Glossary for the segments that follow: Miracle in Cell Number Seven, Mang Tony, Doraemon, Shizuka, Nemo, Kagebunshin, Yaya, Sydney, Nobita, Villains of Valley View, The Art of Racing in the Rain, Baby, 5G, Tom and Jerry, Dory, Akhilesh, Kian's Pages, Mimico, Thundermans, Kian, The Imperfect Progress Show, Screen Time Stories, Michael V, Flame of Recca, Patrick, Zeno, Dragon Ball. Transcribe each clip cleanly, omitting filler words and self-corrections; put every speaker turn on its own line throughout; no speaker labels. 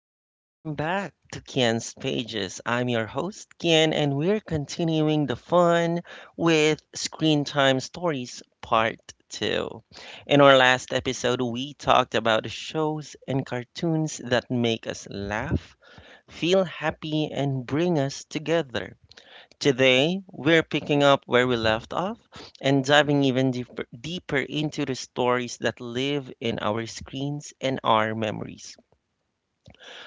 and welcome back to Kian's Pages. I'm your host, Kian, and we're continuing the fun with Screen Time Stories Part 2. In our last episode, we talked about the shows and cartoons that make us laugh, feel happy, and bring us together. Today, we're picking up where we left off and diving even deeper, deeper into the stories that live in our screens and our memories.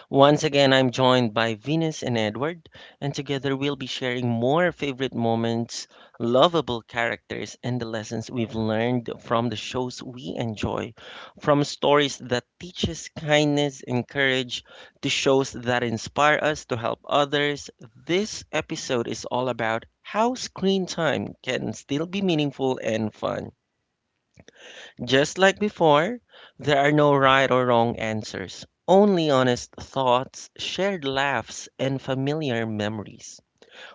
Once again, I'm joined by Venus and Edward, and together we'll be sharing more favorite moments, lovable characters, and the lessons we've learned from the shows we enjoy. From stories that teach us kindness and courage to shows that inspire us to help others, this episode is all about how screen time can still be meaningful and fun. Just like before, there are no right or wrong answers, only honest thoughts, shared laughs, and familiar memories.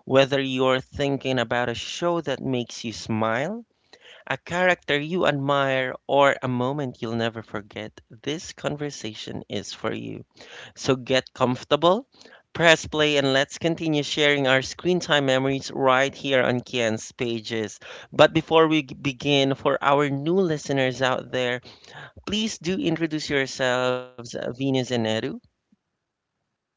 Whether you're thinking about a show that makes you smile, a character you admire, or a moment you'll never forget, this conversation is for you. So get comfortable, press play, and let's continue sharing our screen time memories right here on Kian's Pages. But before we begin, for our new listeners out there, please do introduce yourselves, Venus and Edu.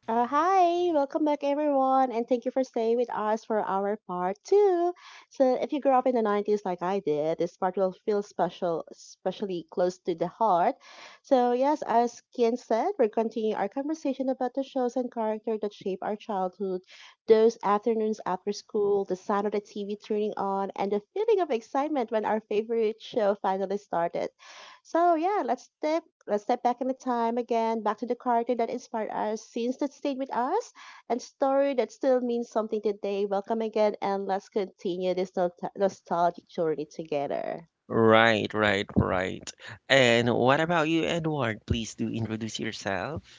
Hi, welcome back everyone, and thank you for staying with us for our part two. So, if you grew up in the 90s like I did, this part will feel special, especially close to the heart. So, yes, as Kian said, we're continuing our conversation about the shows and character that shape our childhood, those afternoons after school, the sound of the TV turning on, and the feeling of excitement when our favorite show finally started. So, yeah, Let's step back in the time again, back to the cartoon that inspired us, scenes that stayed with us, and story that still means something today. Welcome again, and let's continue this nostalgic journey together.
Right, right, right. And what about you, Edward? Please do introduce yourself.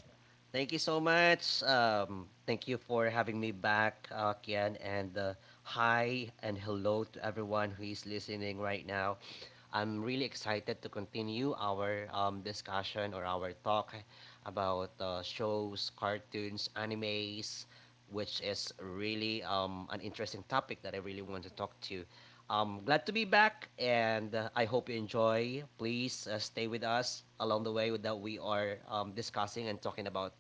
Thank you so much. Thank you for having me back, Kian. And hi and hello to everyone who is listening right now. I'm really excited to continue our discussion or our talk about shows, cartoons, animes, which is really an interesting topic that I really want to talk to. I'm glad to be back, and I hope you enjoy. Please stay with us along the way that we are discussing and talking about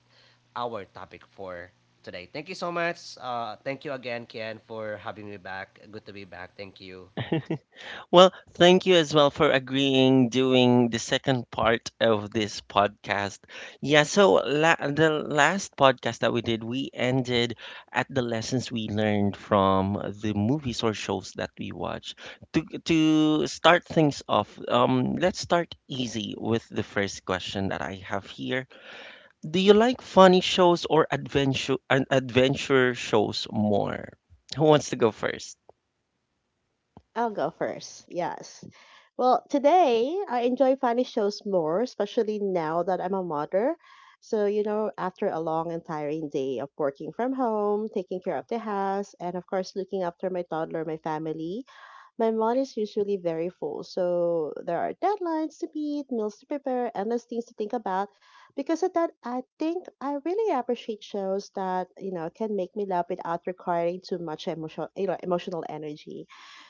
our topic for today. Thank you so much. Thank you again, Kian, for having me back. Good to be back. Thank you.
Well, thank you as well for agreeing doing the second part of this podcast. Yeah, so the last podcast that we did, we ended at the lessons we learned from the movies or shows that we watch. To start things off, let's start easy with the first question that I have here. Do you like funny shows or adventure shows more? Who wants to go first?
I'll go first. Yes. Well, today I enjoy funny shows more, especially now that I'm a mother. So, you know, after a long and tiring day of working from home, taking care of the house, and of course, looking after my toddler, my family, my mind is usually very full, so there are deadlines to meet, meals to prepare, endless things to think about. Because of that, I think I really appreciate shows that you know can make me laugh without requiring too much emotional energy.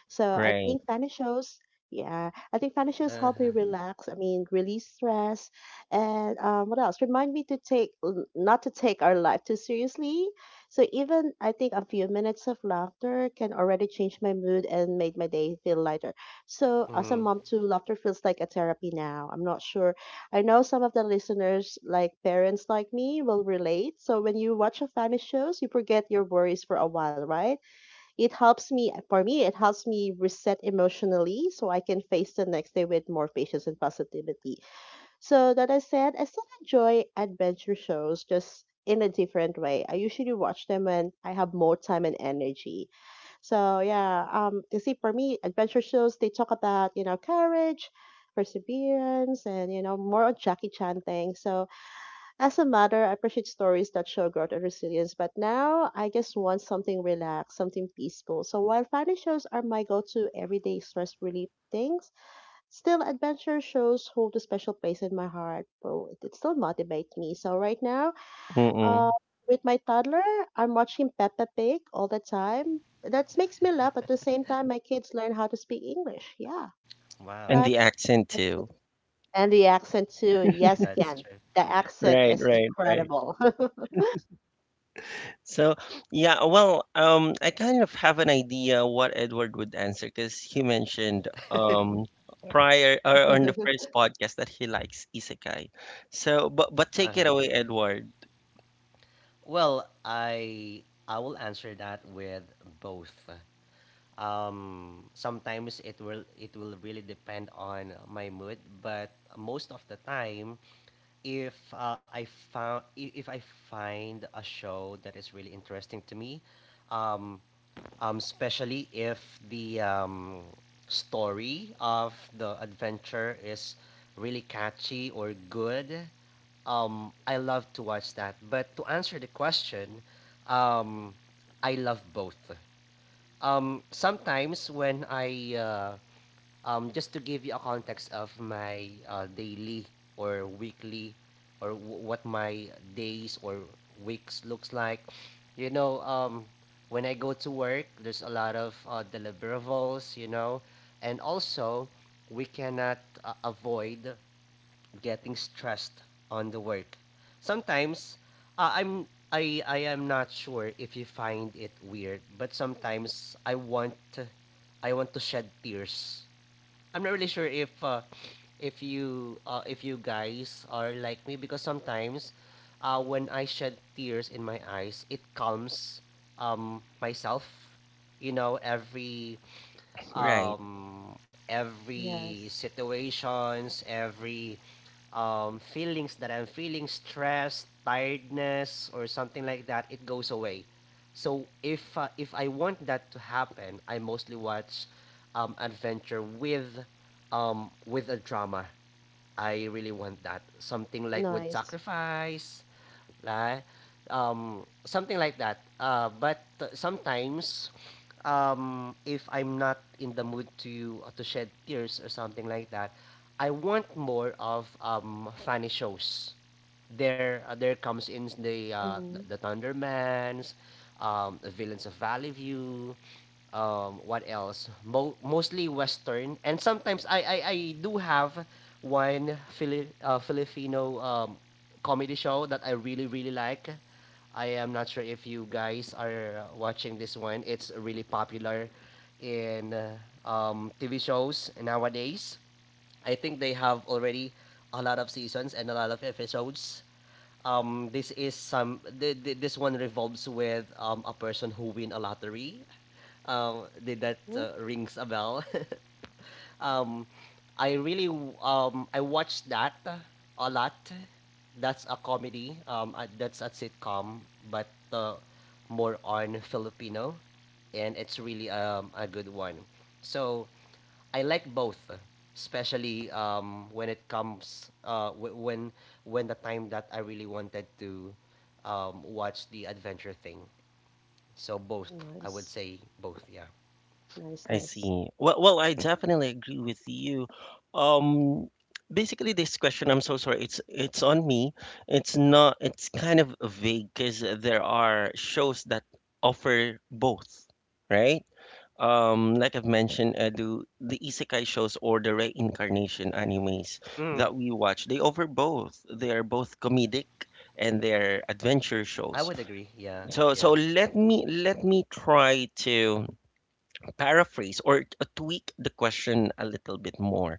So I
Right.
think funny shows, yeah, I think funny shows
Uh
help me
huh.
relax. I mean, release stress, and what else? Remind me to not to take our life too seriously. So even I think a few minutes of laughter can already change my mood and made my day feel lighter. So as a
Hmm.
mom too, laughter feels like a therapy now. I'm not sure. I know some of the listeners, like parents like me, will relate. So when you watch a funny shows, you forget your worries for a while, right? It helps me reset emotionally so I can face the next day with more patience and positivity. So that I said, I still enjoy adventure shows just in a different way. I usually watch them when I have more time and energy. So yeah, you see, for me, adventure shows they talk about you know courage, perseverance, and you know more on Jackie Chan thing. So as a mother, I appreciate stories that show growth and resilience. But now I just want something relaxed, something peaceful. So while family shows are my go-to everyday stress relief things. Still, adventure shows hold a special place in my heart. Well, it still motivates me. So right now, uh,
Mm-mm.
with my toddler, I'm watching Peppa Pig all the time. That makes me laugh. At the same time, my kids learn how to speak English. Yeah,
And
Wow,
the
that's
accent
that's it.
too.
And the accent too. Yes,
that's
Ken.
true.
The accent
Right,
is
right, right.
incredible.
So, yeah, well, I kind of have an idea what Edward would answer because he mentioned prior or on the first podcast that he likes isekai. So, but
Uh
take it
huh.
away, Edward.
Well, I will answer that with both. Sometimes it will really depend on my mood, but most of the time, if I found if I find a show that is really interesting to me, um, especially if the story of the adventure is really catchy or good. I love to watch that. But to answer the question, um, I love both. Sometimes when I just to give you a context of my daily or weekly or what my days or weeks looks like, you know, um, when I go to work, there's a lot of deliverables, you know, and also we cannot avoid getting stressed on the work. Sometimes I am not sure if you find it weird, but sometimes I want to shed tears. I'm not really sure if if you guys are like me because sometimes when I shed tears in my eyes, it calms myself. You know,
Right.
every
Yes,
situations, every feelings that I'm feeling stress, tiredness, or something like that, it goes away. So if I want that to happen, I mostly watch adventure with a drama. I really want that. Something like with
nice.
sacrifice, like something like that. But sometimes, if I'm not in the mood to shed tears or something like that, I want more of funny shows. There there comes in the
Mm-hmm.
the Thundermans, the villains of Valley View, what else? Mostly Western, and sometimes I do have one Filipino comedy show that I really really like. I am not sure if you guys are watching this one. It's really popular in TV shows nowadays. I think they have already a lot of seasons and a lot of episodes. This is this one revolves with a person who win a lottery. Did that rings a bell? Um, I really I watched that a lot. That's a comedy. That's a sitcom, but uh, more on Filipino, and it's really a good one. So I like both, especially when it comes when the time that I really wanted to watch the adventure thing. So both, I would
Nice,
say both. Yeah,
nice,
I
nice.
see. Well, well, I definitely agree with you. Um, Basically, this question, I'm so sorry. It's on me. It's not. It's kind of vague because there are shows that offer both, right? Like I've mentioned, the isekai shows or the reincarnation animes
mm,
that we watch, they offer both. They are both comedic and they're adventure
I
shows.
would agree. Yeah,
So
yeah.
so let me try to paraphrase or tweak the question a little bit more.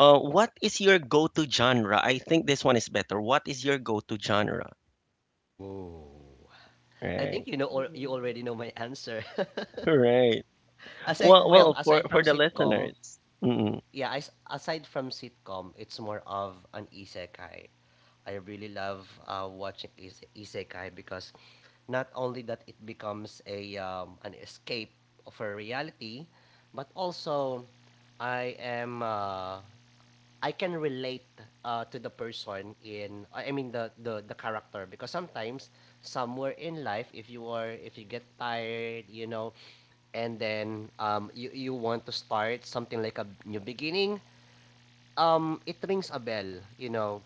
What is your go-to genre? I think this one is better. What is your go-to genre?
Whoa. I think
Right,
you know or you already know my answer.
right. Well,
Mm.
well, for
Aside from
for the
sitcom,
listeners. Mm.
yeah, aside from sitcom, it's more of an isekai. I really love isekai because not only that it becomes a an escape of a reality, but also I am uh, I can relate to the person. In I mean the character because sometimes somewhere in life, if you are if you get tired, you know, and then you want to start something like a new beginning. It rings a bell, you know.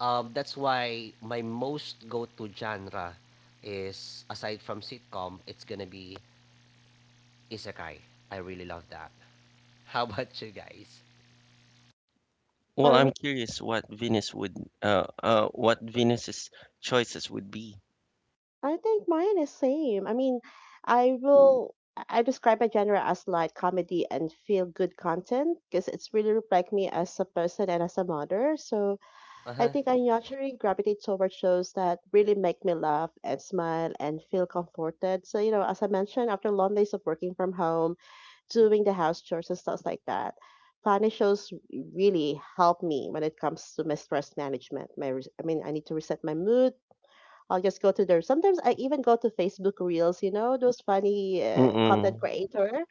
That's why my most go to genre, is aside from sitcom, it's gonna be isekai. I really love that. How about you guys?
Well,
For
I'm curious what what Venus's choices would be.
I think mine is same. I mean, I describe my genre as light comedy and feel good content because it's really reflect me as a person and as a mother. So
Uh
I
huh.
think I naturally gravitate toward shows that really make me laugh and smile and feel comforted. So, you know, as I mentioned, after long days of working from home, doing the house chores and stuff like that, funny shows really help me when it comes to my stress management. I mean, I need to reset my mood I'll just go to there. Sometimes I even go to Facebook Reels, you know, those funny content
Mm-mm.
creator.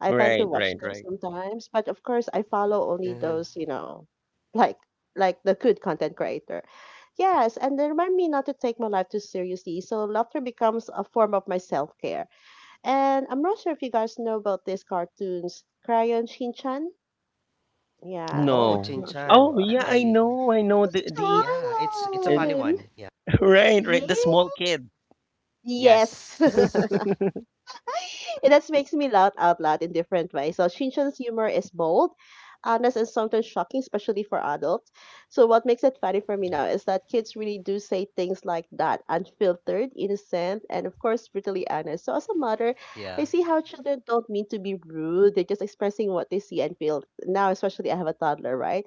I tend
Right,
to
right,
watch them
right.
sometimes, but of course I follow only
Uh-huh.
those, you know, like like the good content creator. Yes, and they remind me not to take my life too seriously. So laughter becomes a form of my self-care. And I'm not sure if you guys know about these cartoons, Crayon Shinchan. Yeah,
Oh,
I'm
No.
not sure.
Chinchan.
Oh, yeah, I
I
know, I know the
Yeah, it's a funny
uh,
Chan.
one. Yeah.
right, right, the small
Yeah.
kid.
Yes.
Yes.
and that makes me laugh out loud in different ways. So Shinchan's humor is bold, honest, and sometimes shocking, especially for adults. So what makes it funny for me now is that kids really do say things like that, unfiltered, innocent, and of course brutally honest. So as a mother, I
Yeah.
see how children don't mean to be rude; they're just expressing what they see and feel. Now, especially I have a toddler, right?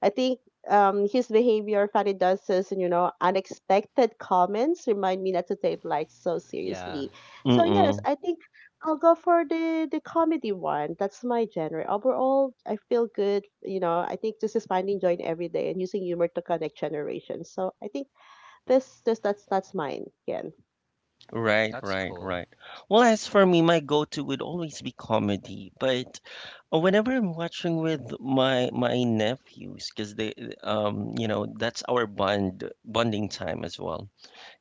I think his behavior, Fanny does says, you know, unexpected comments remind me not to take life so
Yeah.
seriously. So yes,
Mm-mm.
I think I'll go for the comedy one. That's my genre. Overall, I feel good. You know, I think this is finding joy in every day and using humor to connect generations. So I think this that's mine again.
Right,
That's
right,
cool.
right. Well, as for me, my go-to would always be comedy, but whenever I'm watching with my nephews, because they you know that's our bonding time as well.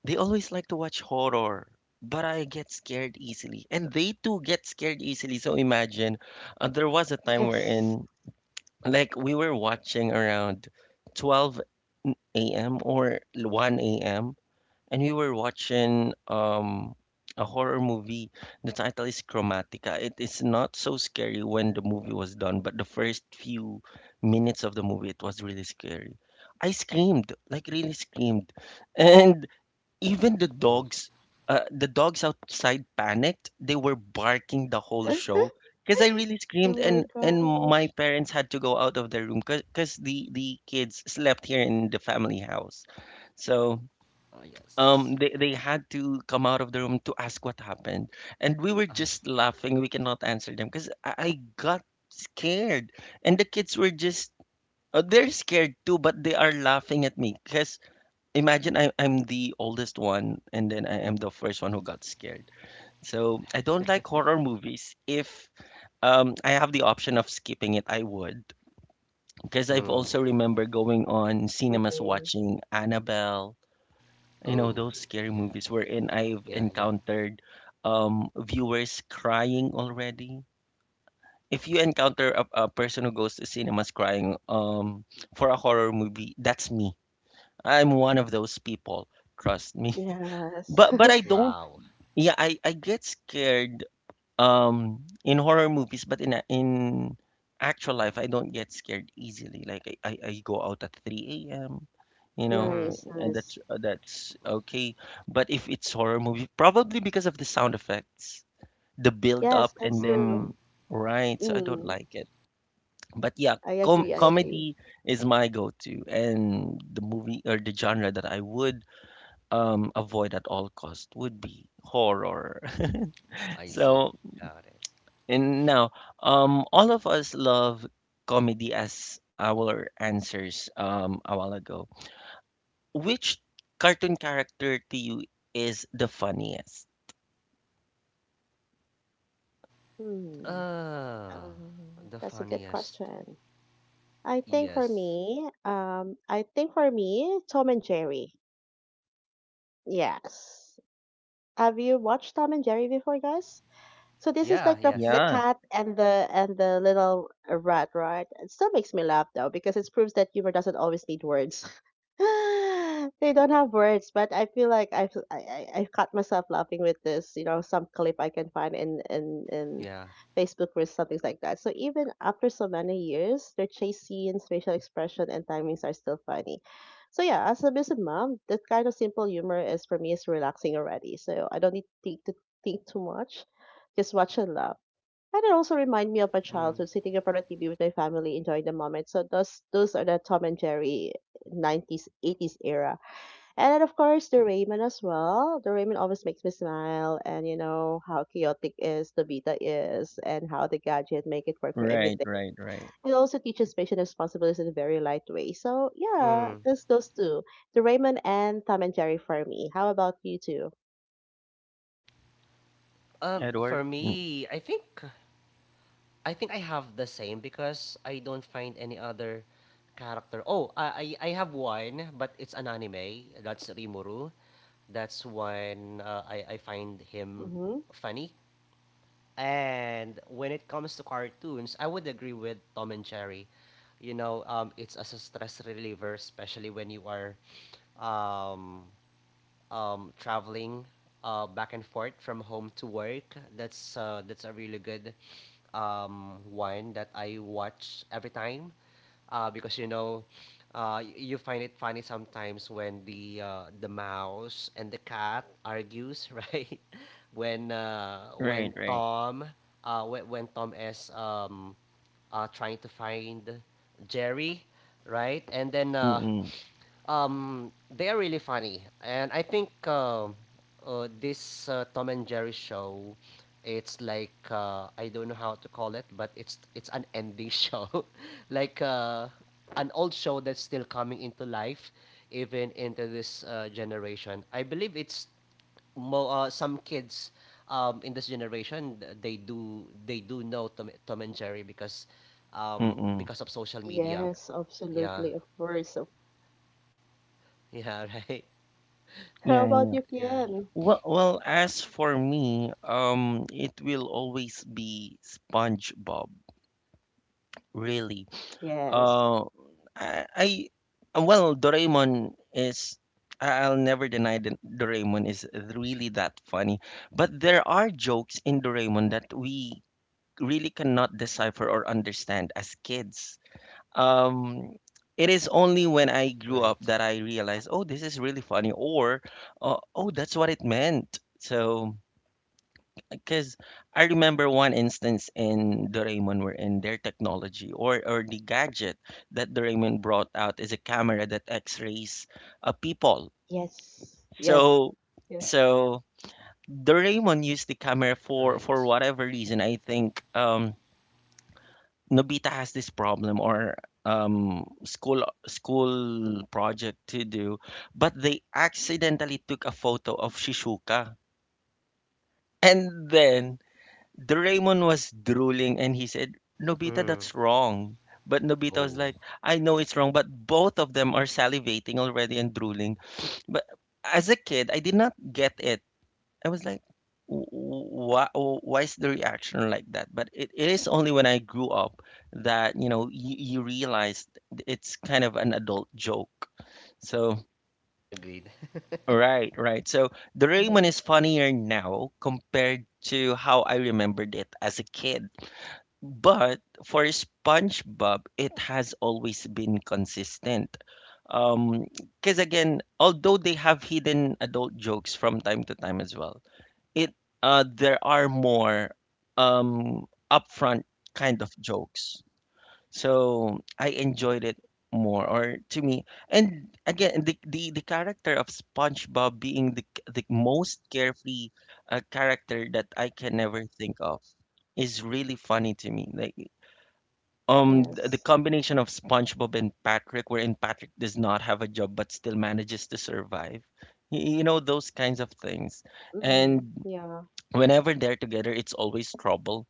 They always like to watch horror, but I get scared easily, and they too get scared easily. So imagine, there was a time
Yes.
wherein like we were watching around 12 a.m. or 1 a.m and we were watching a horror movie. The title is Chromatica. It is not so scary when the movie was done, but the first few minutes of the movie, it was really scary. I screamed, like really screamed, and even
Oh.
the dogs outside panicked. They were barking the whole show because I really
oh
screamed,
my
and my
gosh.
parents had to go out of their room because the kids slept here in the family house. So,
Oh yes.
they had to come out of the room to ask what happened, and we were
Uh,
just laughing. We cannot answer them because I got scared, and the kids were just they're scared too, but they are laughing at me because imagine I'm the oldest one, and then I am the first one who got scared. So I don't like horror movies. If I have the option of skipping it, I would, because I've
mm.
also remember going on cinemas
Agree.
watching Annabelle, you know,
Oh.
those scary
Yeah.
movies wherein I've
Yeah. Yeah.
encountered viewers crying already. If you encounter a person who goes to cinemas crying for a horror movie, that's me. I'm one of those people, trust me.
Yes.
But I don't.
Wow.
Yeah, I get scared in horror movies, but in actual life I don't get scared easily. Like I go out at 3 a.m, you know,
Mm.
Nice,
and that's
nice.
uh, that's okay. But if it's horror movie, probably because of the sound effects, the build
Yes,
up, and
that's true.
Mm.
then right, so I don't
Mm,
like it. But, yeah,
I agree,
I
I
see.
agree.
comedy is my go-to, and the movie or the genre that I would avoid at all cost would be horror.
I see.
So
Got it.
and now, all of us love comedy as our answers a while ago. Which cartoon character to you is the funniest?
Hmm.
Uh,
Um,
the
that's a good
funniest.
question. I think for
Yes.
me, I think for me, Tom and Jerry. Yes. Have you watched Tom and Jerry before, guys? So this is
Yeah.
like the
Yes.
Yeah,
cat and the little rat, right? It still makes me laugh though because it proves that humor doesn't always need words. they don't have words, but I feel like I've I I've caught myself laughing with this, you know, some clip I can find in in
Yeah.
Facebook or something like that. So even after so many years, their chase scenes, facial expression, and timings are still funny. So yeah, as a busy mom, that kind of simple humor is for me is relaxing already. So I don't need to think too much just watch and laugh. And it also remind me of my
Mm.
childhood, sitting in front of TV with my family, enjoying the moment. So those are the Tom and Jerry 90s, 80s era. And then of course the Raymond as well. The Raymond always makes me smile and you know how chaotic is the Vita is and how the gadget make it work for
right,
everything.
right, right.
It also teaches patient responsibilities in a very light way. So yeah,
Mm.
those two. The Raymond and Tom and Jerry for me. How about you two?
For
Edward? Mm,
me, I think I have the same because I don't find any other character. Oh, I have one, but it's an anime. That's Rimuru. That's when I find him
Mm-hmm.
funny. And when it comes to cartoons, I would agree with Tom and Jerry. You know, it's as a stress reliever, especially when you are um, traveling back and forth from home to work. That's a really good one that I watch every time because you know you find it funny sometimes when the mouse and the cat argues, right? When
right, right.
When Tom is trying to find Jerry, right? And then
Mm-mm,
they are really funny, and I think this Tom and Jerry show, it's like I don't know how to call it, but it's an ending show, like an old show that's still coming into life, even into this generation. I believe it's some kids in this generation, they do know Tom, Tom and Jerry
mm-mm.
because of social media.
Yes,
Yeah,
absolutely. Of course, of
yeah, right.
how
Yeah,
about
yeah.
you,
Yeah,
Kian?
Well, well, as for me, it will always be SpongeBob. Really.
Yes,
Uh, I, I uh, well, Doraemon is I'll never deny that Doraemon is really that funny, but there are jokes in Doraemon that we really cannot decipher or understand as kids. Um, it is only when I grew up
right,
that I realized, oh, this is really funny, or oh, that's what it meant. So, because I remember one instance in Doraemon wherein their technology, or the gadget that Doraemon brought out is a camera that x-rays people.
Yes. yes,
So
yes,
so Doraemon used the camera for
right.
for whatever reason. I think Nobita has this problem or school project to do, but they accidentally took a photo of Shizuka. And then Doraemon was drooling, and he said, Nobita,
Mm.
that's wrong. But Nobita was
Oh,
like, I know it's wrong, but both of them are salivating already and drooling. But as a kid, I did not get it. I was like, why is the reaction like that? But it is only when I grew up that, you realize it's kind of an adult joke. So,
agreed.
right, right. So, Doraemon
yes,
is funnier now compared to how I remembered it as a kid. But for SpongeBob, it has always been consistent. Um, because again, although they have hidden adult jokes from time to time as well, it there are more upfront kind of jokes. So I enjoyed it more, or to me, and again, the character of SpongeBob being the most carefree character that I can ever think of is really funny to me. Like, the
yes.
combination of SpongeBob and Patrick, wherein Patrick does not have a job but still manages to survive. You know, those kinds of things.
Mm-hmm.
And
Yeah,
whenever they're together, it's always trouble.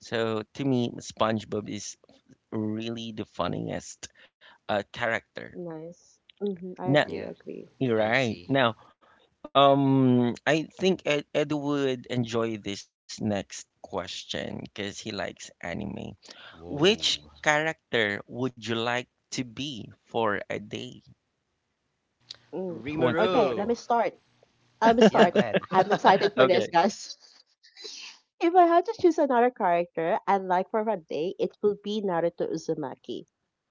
So to me, SpongeBob is really the funniest character.
nice. Mm-hmm. I
Hmm,
Now,
agree,
yeah,
agree.
you're
I see.
right. Now, I think Ed would enjoy this next question because he likes anime.
Whoa,
Which character would you like to be for a day?
Mm.
Who wants to go
Okay,
first?
let me
Rimuru.
start. Let me
Yeah,
start.
go ahead.
I'm excited for this,
Okay.
guys. If I had to choose another character and like for a day, it would be Naruto Uzumaki.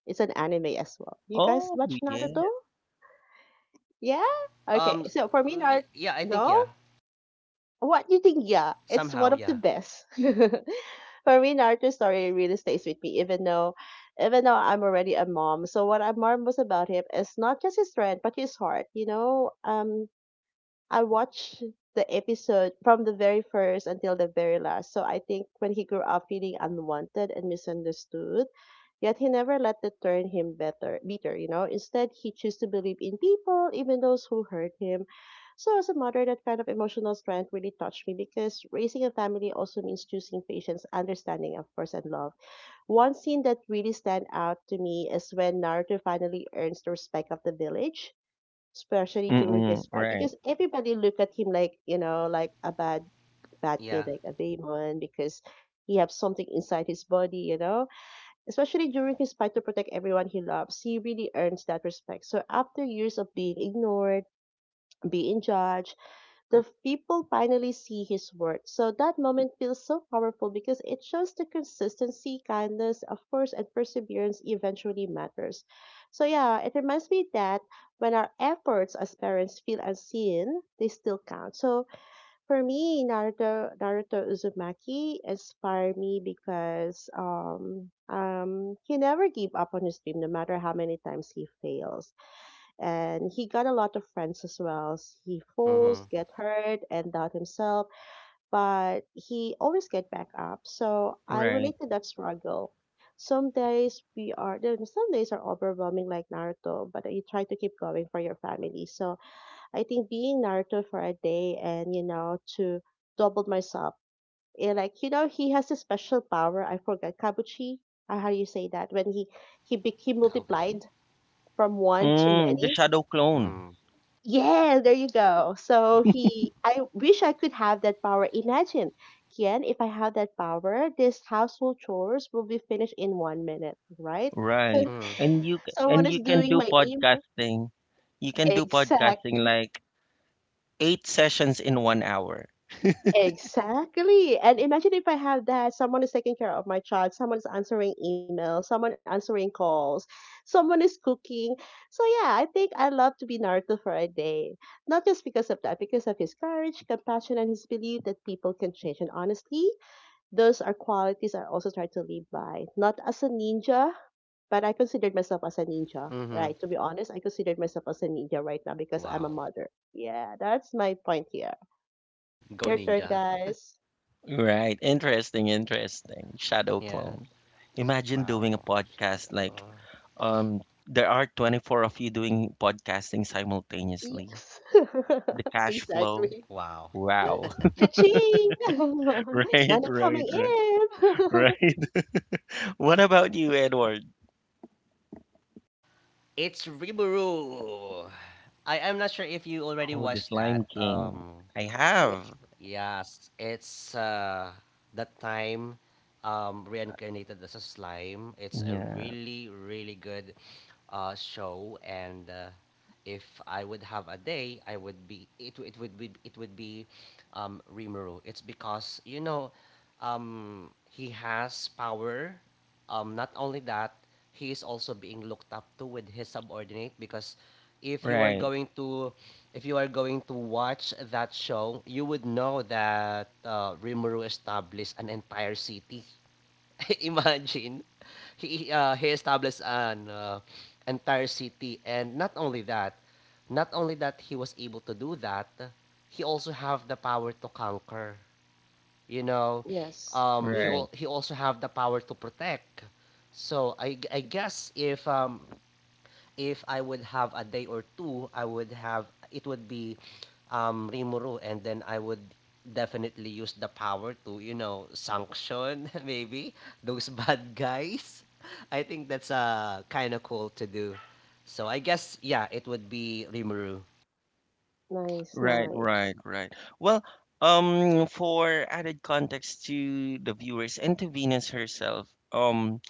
It's an anime as well. You guys
Oh,
watch Naruto?
yeah.
Yeah? Okay.
um,
So for me, Naruto,
yeah, I think
no?
yeah.
What you think? Yeah, it's one
Somehow,
of the
yeah,
best. For me, Naruto story really stays with me, even though I'm already a mom. So what I'm most about him is not just his strength, but his heart. You know, I watched the episode from the very first until the very last. So I think when he grew up feeling unwanted and misunderstood, yet he never let that turn him better bitter, you know. Instead he chose to believe in people, even those who hurt him. So as a mother, that kind of emotional strength really touched me because raising a family also means choosing patience, understanding, of course, and love. One scene that really stand out to me is when Naruto finally earns the respect of the village especially during his
Mm-mm,
fight,
right.
because everybody look at him like you know, like a bad kid,
yeah.
like a demon, because he have something inside his body, you know. Especially during his fight to protect everyone he loves, he really earns that respect. So after years of being ignored, being judged, the people finally see his worth. So that moment feels so powerful because it shows the consistency, kindness, of course, and perseverance eventually matters. So yeah, it reminds me that when our efforts as parents feel unseen, they still count. So for me, Naruto Uzumaki inspired me because he never gave up on his dream no matter how many times he fails and he got a lot of friends as well. He falls,
Mm-hmm.
get hurt, and doubt himself, but he always get back up. So I
Right.
relate to that struggle. Some days are overwhelming like Naruto, but you try to keep going for your family. So I think being Naruto for a day and you know to double myself. Eh, Like you know, he has a special power. I forgot Kabuchi. How you say that? When he
Kawabachi.
multiplied from one to
Mm, the
many.
shadow clone.
Mm.
Yeah, there you go. So he, I wish I could have that power. Imagine, Kian, if I have that power, this household chores will be finished in one minute, right?
Right.
Mm.
And
Someone
you
is
can
doing
do
my email.
podcasting. You can do podcasting
Exactly.
like eight sessions in 1 hour.
Exactly. And imagine if I have that, someone is taking care of my child, someone is answering emails, someone answering calls, someone is cooking. So yeah, I think I love to be Naruto for a day. Not just because of that, because of his courage, compassion, and his belief that people can change. And honestly, those are qualities I also try to live by. Not as a ninja, but I considered myself as a ninja,
Mm-hmm.
right? To be honest, I considered myself as a ninja right now because I'm a
Wow.
mother. Yeah, that's my point here.
Go
Your turn,
ninja.
guys.
Right. Interesting, interesting. Shadow
Yeah.
clone. Imagine doing a
Wow.
podcast like,
Shadow.
um there are 24 of you doing podcasting simultaneously.
Yes.
The cash flow.
Exactly.
Wow.
Wow.
Cha-ching!
Right,
Money
right,
coming
right,
in.
right. What about you, Edward?
It's Rimuru. I am not sure if you already
Oh, the
watched that.
Slime King. I
Ye-
have.
Yes. It's the time reincarnated as a slime. It's a
Yeah.
really really good show. And. If I would have a day, I would be it. It would be Rimuru. It's because you know, he has power. Not only that, he is also being looked up to with his subordinate because if you are
Right,
going to, if you are going to watch that show, you would know that Rimuru established an entire city. Imagine, he established an entire city, and not only that, not only that he was able to do that, he also have the power to conquer, you know,
Yes. Mhm.
right,
he also have the power to protect. I guess if I would have a day or two, I would have it would be Rimuru, and then I would definitely use the power to, you know, sanction maybe those bad guys. I think that's kind of cool to do. So I guess, yeah, it would be Rimuru.
Nice,
right,
nice.
right, right. Well, for added context to the viewers and to Venus herself,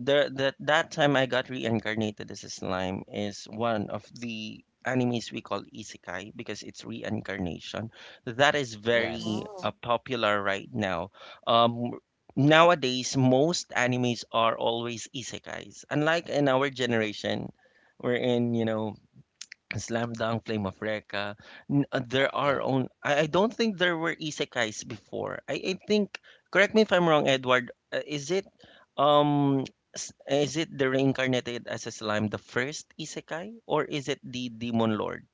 the that that time I got reincarnated as a slime is one of the animes we call isekai because it's reincarnation. That is
Oh,
very
Yes.
wow.
popular right now. Um, Nowadays, most animes are always isekais. Unlike in our generation, wherein you know Slam Dunk, Flame of Recca. There are
Yeah.
own. I don't think there were isekais before. I think. Correct me if I'm wrong, Edward. Um is it the reincarnated as a slime the first isekai, or is it the demon lord?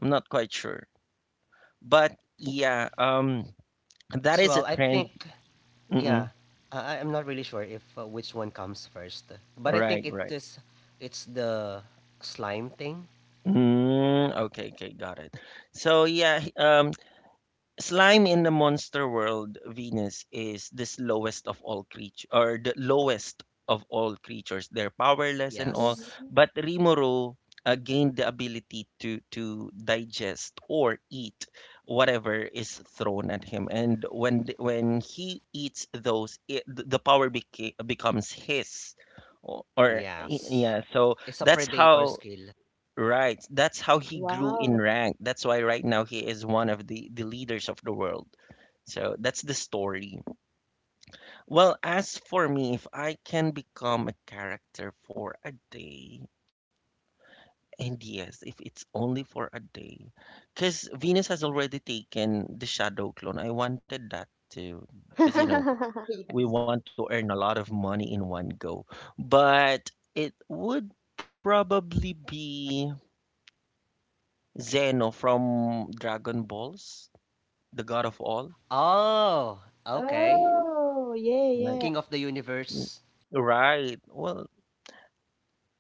I'm not quite sure. But, yeah,
I'm not sure
that
as
is a
well. I think,
trend.
yeah,
Mm-mm.
I'm not really sure if which one comes first, but I
Right,
think it
right.
is it's the slime thing.
Mm, okay, okay, got it. So, yeah, Slime in the monster world, Venus, is the slowest of all creatures, or the lowest of all creatures. They're powerless and all,
Yes,
Hmm.
but Rimuru gained the ability to digest or eat whatever is thrown at him. And when when he eats those, the power becomes his.
yes,
Yeah, so
it's a
that's
predator
how.
skill.
Right. That's how he grew
Wow.
in rank. That's why right now he is one of the leaders of the world. So that's the story. Well, as for me, if I can become a character for a day, and yes, if it's only for a day, because Venus has already taken the shadow clone. I wanted that too, because
Yes.
we want to earn a lot of money in one go. But it would probably be Zeno from Dragon Balls, the God of all.
Oh, okay.
Oh, yeah,
Like,
yeah.
King of the
"Mm,
universe.
right. Well,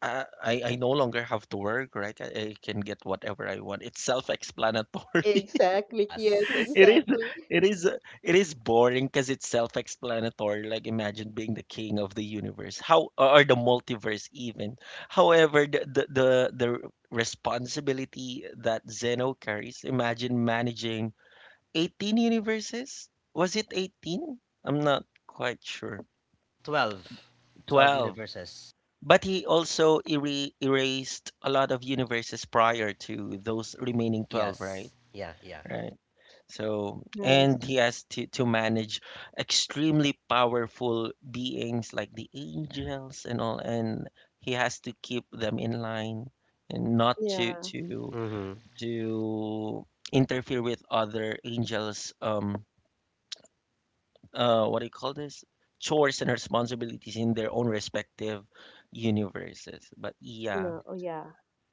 I no longer have to work, right? I can get whatever I want. It's self-explanatory.
Exactly, Kian.
Yes,
It is
Exactly.
it is it is boring because it's self-explanatory. Like imagine being the king of the universe, how, or the multiverse even. However, the responsibility that Zeno carries, imagine managing 18 universes. Was it 18? I'm not quite sure.
12. 12
12.
universes.
But he also erased a lot of universes prior to those remaining 12,
Yes.
right?
Yeah. Yeah.
Right. So,
Nice.
and he has to manage extremely powerful beings like the angels and all, and he has to keep them in line and not to
Yeah.
to
Mm-hmm.
to interfere with other angels. What do you call this? Chores and responsibilities in their own respective universes. But yeah,
No. Oh, yeah.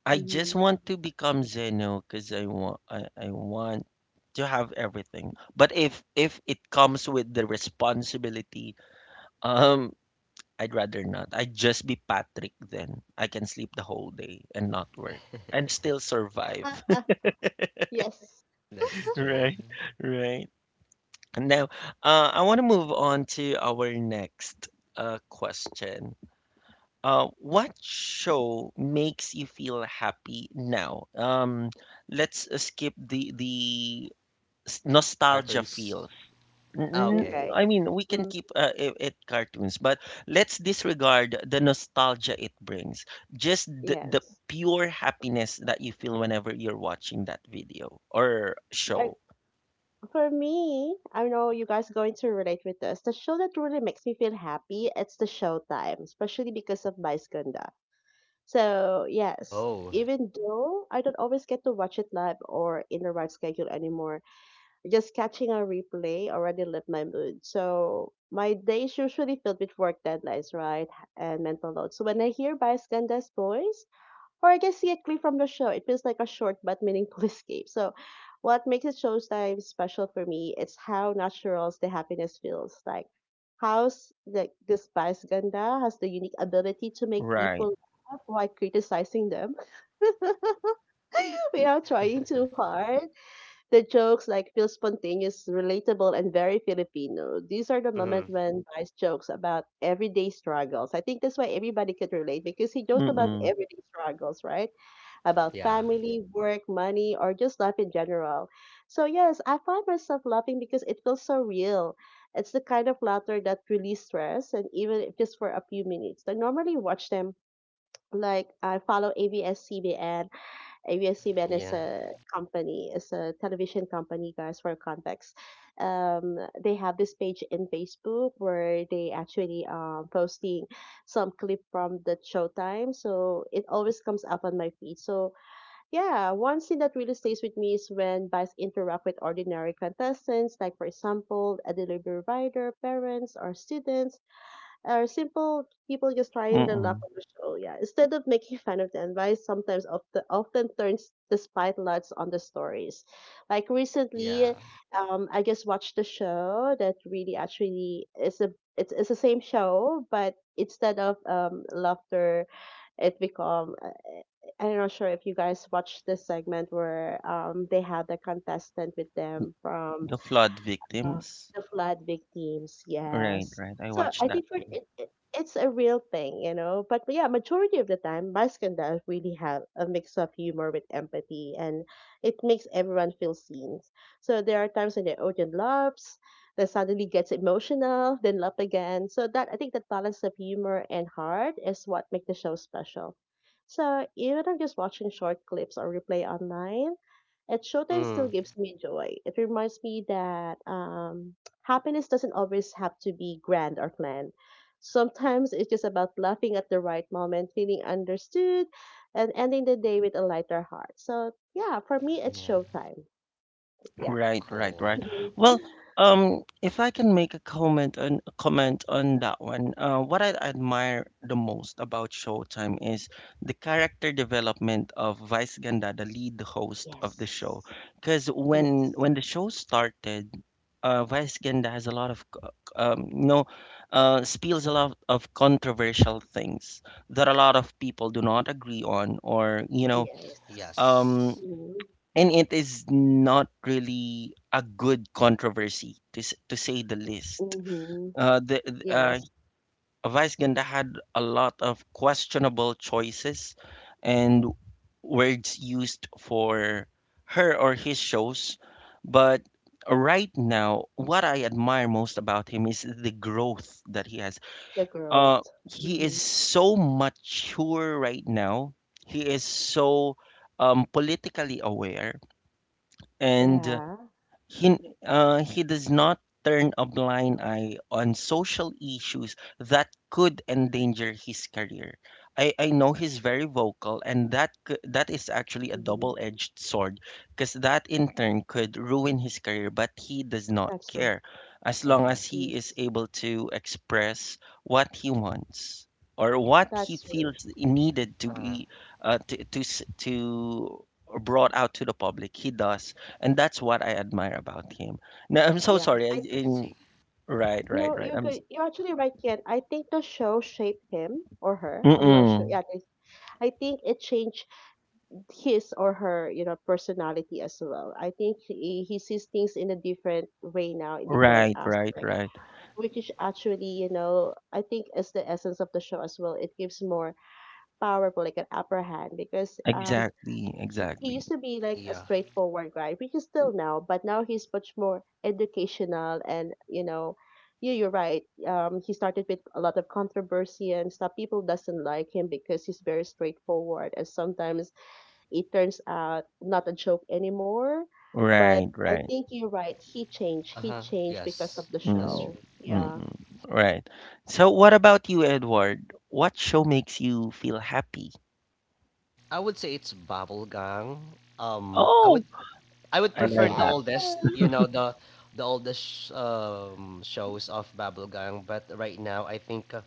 I just
Mm-hmm.
want to become Zeno because I want to have everything. But if it comes with the responsibility, um, I'd rather not. I'd just be Patrick then. I can sleep the whole day and not work and still survive.
Yes.
That's true.
Right, right. Now, I want to move on to our next question. What show makes you feel happy now? Let's skip the nostalgia
Cartoons.
feels.
Ah, okay.
Okay.
I mean, we can
Mm,
keep it cartoons, but let's disregard the nostalgia it brings. Just the
yes.
pure happiness that you feel whenever you're watching that video or show.
For me, I know you guys are going to relate with this. The show that really makes me feel happy, it's the Showtime, especially because of Baisganda. So, yes,
Oh.
even though I don't always get to watch it live or in the right schedule anymore, just catching a replay already lit my mood. So, my days usually filled with work deadlines, right? And mental load. So, when I hear Baisganda's voice, or I can see a clip from the show. It feels like a short but meaningful escape. So, what makes the showtime special for me is how natural the happiness feels. Like, how's like this Spice Ganda has the unique ability to make
Right.
people laugh while criticizing them without trying too hard. The jokes like feel spontaneous, relatable, and very Filipino. These are the
Mm-hmm.
moments when Vice jokes about everyday struggles. I think that's why everybody could relate because he jokes about
Mm-mm.
everyday struggles, right? About
Yeah.
family, work, money, or just life in general. So, yes, I find myself laughing because it feels so real. It's the kind of laughter that relieves stress, and even if just for a few minutes. I normally watch them like I follow ABS-CBN. ABS-CBN is
Yeah.
a company, is a television company, guys, for context. Um, they have this page in Facebook where they actually posting some clip from the showtime. So it always comes up on my feed. So yeah, one scene that really stays with me is when Vice interact with ordinary contestants, like for example, a delivery rider, parents, or students, or simple people just trying their luck
Mm-mm.
on the show. Yeah, instead of making fun of them, Vice sometimes often turns the spotlights on the stories. Like
Yeah.
recently, I just watched the show that really actually is a it's the same show, but instead of laughter, it become I'm not sure if you guys watched this segment where they had the contestant with them from
The flood
uh,
victims.
the flood victims,
Right,
yes.
right. I
So
watched
I
that
think for
too.
it, it's a real thing, you know. But yeah, majority of the time, Mexican does really have a mix of humor with empathy, and it makes everyone feel seen. So there are times when the audience laughs, then suddenly gets emotional, then laugh again. So that I think the balance of humor and heart is what make the show special. So even if I'm just watching short clips or replay online, at Showtime still
Mm.
gives me joy. It reminds me that happiness doesn't always have to be grand or planned. Sometimes it's just about laughing at the right moment, feeling understood, and ending the day with a lighter heart. So, yeah, for me, it's
Yeah.
Showtime. Yeah.
Right, right, right.
Cool.
Hmm.
Well, if I can make a comment on that one, what I admire the most about Showtime is the character development of Vice Ganda, the lead host of the show.
Yes.
Because when
Yes.
when the show started, Vice Ganda has a lot of spills a lot of controversial things that a lot of people do not agree on, or you know.
Yes.
um
Yes.
Mm-hmm.
and it is not really a good controversy to to say the least.
Mm-hmm.
Uh, the the, uh,
Yes.
Vice Ganda had a lot of questionable choices and words used for her or his shows, but right now, what I admire most about him is the growth that he has.
The
Uh,
growth.
he
Mm-hmm.
is so mature right now. He is so politically aware and
Yeah.
he he does not turn a blind eye on social issues that could endanger his career. I know he's very vocal, and that that is actually a
Mm-hmm.
double-edged sword, because that in turn could ruin his career. But he does not
That's true.
care, as long as
Uh-huh.
he is
Yes.
able to express what he wants or what he
That's true.
feels needed to
Uh,
be to brought out to the public. He does, and that's what I admire about him. Now I'm so
Yeah.
sorry.
I
I see.
Right, right,
No,
right.
you're good. You're actually right, Ken. I think the show shaped him or her. I'm not sure.
Mm-mm.
Yeah, this- I think it changed his or her, you know, personality as well. I think he sees things in a different way now, in different
Right, right,
aspect,
right.
which is actually, you know, I think is the essence of the show as well. It gives more powerful, like an upper hand, because
Exactly,
he
exactly.
used to be like a
Yeah.
straightforward guy, which is still now, but now he's much more educational and you know, yeah, you're right. He started with a lot of controversy and stuff. People doesn't like him because he's very straightforward, and sometimes it turns out not a joke anymore. But
Right,
I
right.
think you're right. He changed. He
Uh-huh.
changed because
Yes.
of the
That's
Mm,
true.
show. Yeah.
mm-mm. Right. So, what about you, Edward? What show makes you feel happy?
I would say it's bubblegum. Um, I
Oh,
would I would
I
prefer
love
the
that.
Yes.
oldest, you know, the oldest shows of bubblegum, but right now I think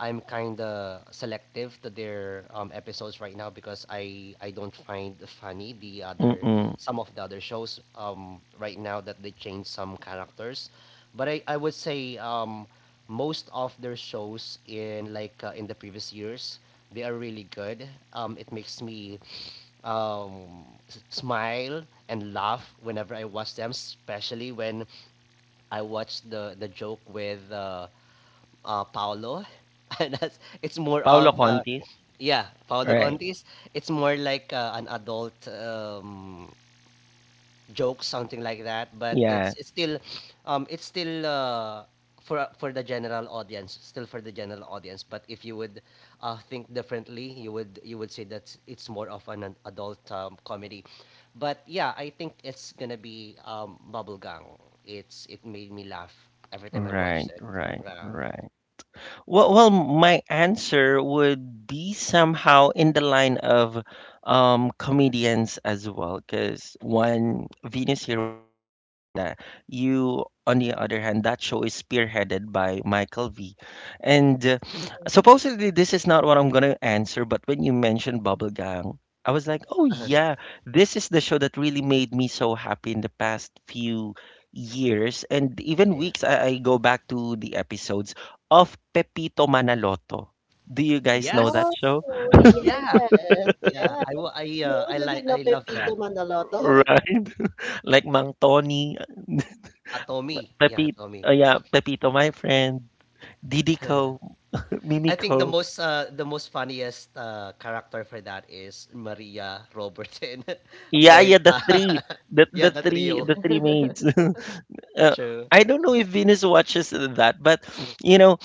I'm kind of selective to their episodes right now because I don't find funny the other
Mm-mm.
some of the other shows right now that they change some characters. But I would say most of their shows in like in the previous years, they are really good. It makes me um smile and laugh whenever I watch them, especially when I watch the joke with Paolo and that's it's more
Paolo
of
Contis.
yeah, Paolo
Right.
Contis. It's more like an adult joke, something like that. But
Yeah.
it's still, um, it's still uh, for the general audience, still for the general audience. But if you would think differently, you would, you would say that it's more of an adult comedy. But yeah, I think it's gonna be Bubblegang. It's it made me laugh every time I
Right,
watched it.
right,
Um,
right. Well, my answer would be somehow in the line of comedians as well, because one Venus here, once Vice Ganda. You, on the other hand, that show is spearheaded by Michael V. And
Yes.
supposedly, this is not what I'm gonna answer, but when you mentioned Bubble Gang, I was like, oh yeah, this is the show that really made me so happy in the past few years and even
yeah.
weeks. I go back to the episodes of Pepito Manaloto. Do you guys know that
Yes.
show?
Oh, yes,
Yeah. Yeah.
yes.
I wa-
Who
I like
doesn't know
I love
Pepito
that.
Manaloto?
Right? Like Mang Tony,
Tommy. Yeah,
Pepito,
Tommy.
yeah, Pepito, my friend, Didico,
I think the
Mimico,
most funniest character for that is Maria Robertson,
Yaya, the
Berta.
three,
Yeah, the trio.
the three maids. uh,
True.
I don't know if Venus watches that, but you know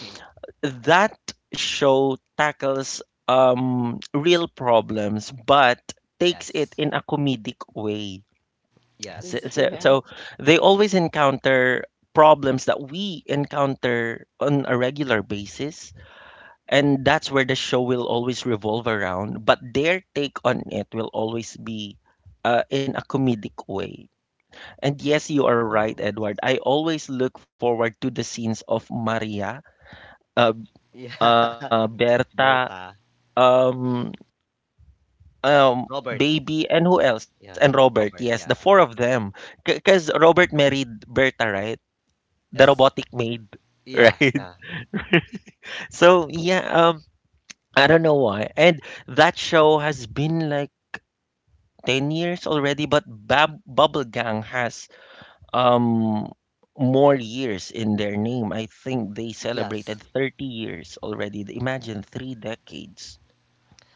that show tackles real problems, but takes it
Yes.
in a comedic way.
Mm,
So,
Yes.
so, so
yeah.
they always encounter problems that we encounter on a regular basis, and that's where the show will always revolve around, but their take on it will always be in a comedic way, and yes, you are
Yeah.
right, Edward. I always look forward to the scenes of Maria, uh,
Yeah.
Berta,
Berta.
um, um,
Robert.
Baby, and who else,
Yeah.
and Robert.
Robert.
Yes,
Yeah.
the four of them, because Robert married Berta, right? The
Yes.
robotic maid,
Yeah.
right?
Yeah.
So yeah, I don't know why. And that show has been like 10 years already, but Bubble Gang has um more years in their name. I think they
Yes.
celebrated 30 years already. Imagine three decades.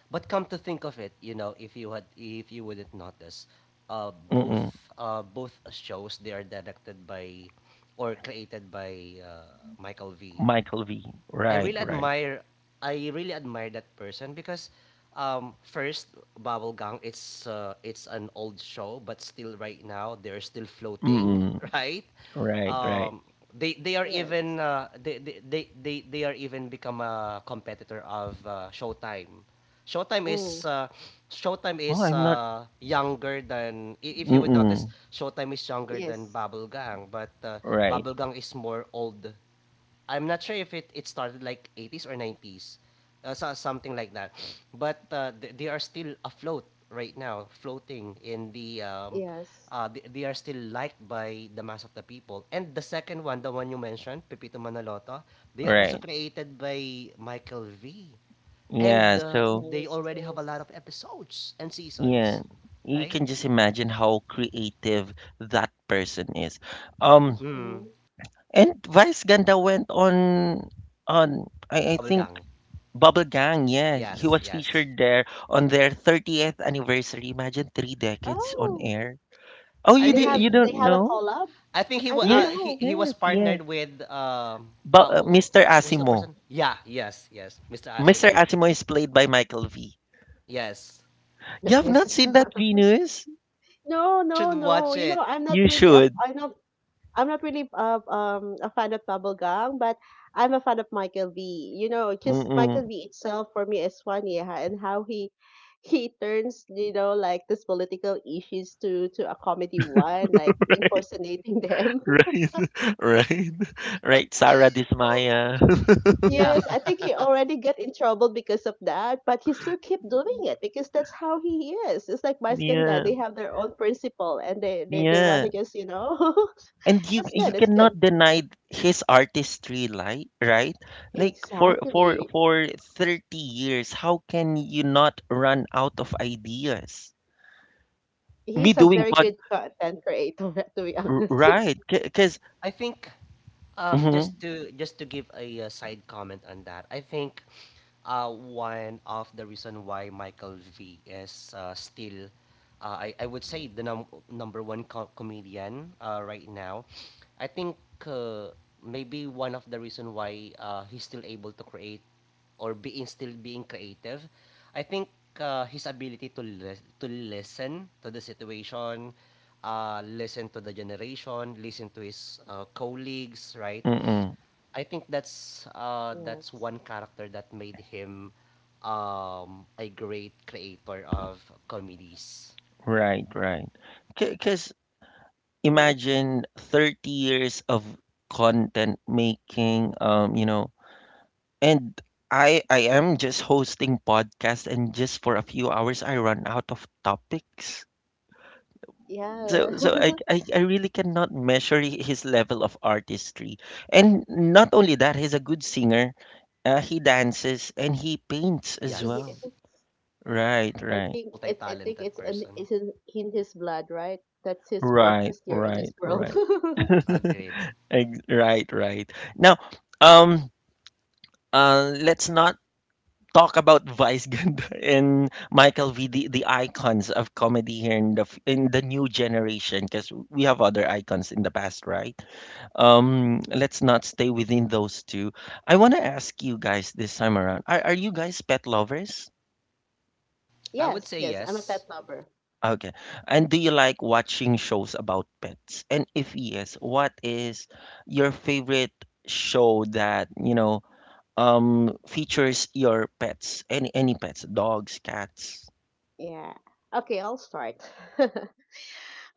But come to think of it, you know, if you had, if you wouldn't notice, uh, both
Mm-mm.
both shows, they are directed by or created by Michael V.
Michael V.
I
Right,
really
right.
admire I really admire that person because first Bubblegum it's an old show but still right now they're still floating
Mm-mm.
right.
Right, right.
um, they are
Yes.
even they are even become a competitor of Showtime. Showtime
Mm.
is uh, Showtime
Oh,
is
I'm not.
younger than if you would notice.
Mm-mm.
Showtime is younger than
Yes.
Bubblegang, but
Right,
Bubblegang is more old. I'm not sure if it started like 80s or 90s, something like that. But they are still afloat right now, floating in the. Um,
Yes.
uh, th- They are still liked by the mass of the people. And the second one, the one you mentioned, Pepito Manaloto, they are also
right.
created by Michael V. And
Yeah. So.
they
Yes.
already have a
Yes.
lot of episodes and seasons,
Yeah, you
right?
can just imagine how creative that person is. Um,
Hmm.
Mm,
and Vice Ganda went on I think
Bubblegang.
Bubble Gang, yeah, he
Yes,
was
yes.
featured there on their 30th anniversary. Imagine three decades on
Oh,
air. Oh,
I
you did, you
think
they
don't
have a
know?
collab.
I think
I didn't
Yes,
know.
he was
yes, yes.
partnered with
But Mr.
who's the
Asimo,
person? Yeah, yes, yes, Mr.
Mr.
Asimo.
Asimo is played by Michael V.
Yes,
You have not
Nice.
seen that, Venus?
No,
you should
no,
watch
no. You
it.
know, I'm not
You
really a
should.
I'm not really a fan of bubblegum, but I'm a fan of Michael V. You know, just Michael
Mm-mm.
V itself for me is funny ha, and how he turns you know like this political issues to a comedy one, like impersonating them.
Right, right, right. Sarah Dismaya.
Yeah,
Yes, I think he already got in trouble because of that, but he still keep doing it because that's how he is. It's like Maskanda,
yeah,
they have their own principle and they want to
yeah.
just, you know.
And you
That's good,
you
that's good.
cannot deny his artistry, like, right? Like for for
Exactly.
for 30 years, how can you not run out of ideas? Me
He's a
doing
very
pod,
good content creator, to be honest.
right? Because
I think um,
mm-hmm,
just to give a, side comment on that, I think one of the reason why Michael V is still, I would say the number one comedian right now. I think uh, maybe one of the reason why he's still able to create or being still being creative. I think his ability to to listen to the situation, listen to the generation, listen to his colleagues, right?
mm-mm,
I think that's
Yes.
one character that made him a great creator of comedies.
right, right. Because
Yes.
imagine 30 years of content making. You know. And I am just hosting podcast and just for a few hours I run out of topics. So
Yeah.
so I really cannot measure his level of artistry. And not only that, he's a good singer. He dances and he paints as
Yes.
well.
Yes,
Right,
I
right.
think it, I think
multi-talented
it's in,
person.
it's in, in his blood, right? That's his
Right,
purpose here in this
right,
world.
right.
Agreed.
Right, right. Now, um, let's not talk about Vice Ganda and Michael V, the icons of comedy here in in the new generation, because we have other icons in the past, right? Let's not stay within those two. I want to ask you guys this time around: are you guys pet lovers?
I would
Yes,
say
yes, I'm a pet
yes.
lover.
Okay, and do you like watching shows about pets? And if yes, what is your favorite show that you know features your pets? Any pets? Dogs, cats?
Yeah. Okay, I'll start.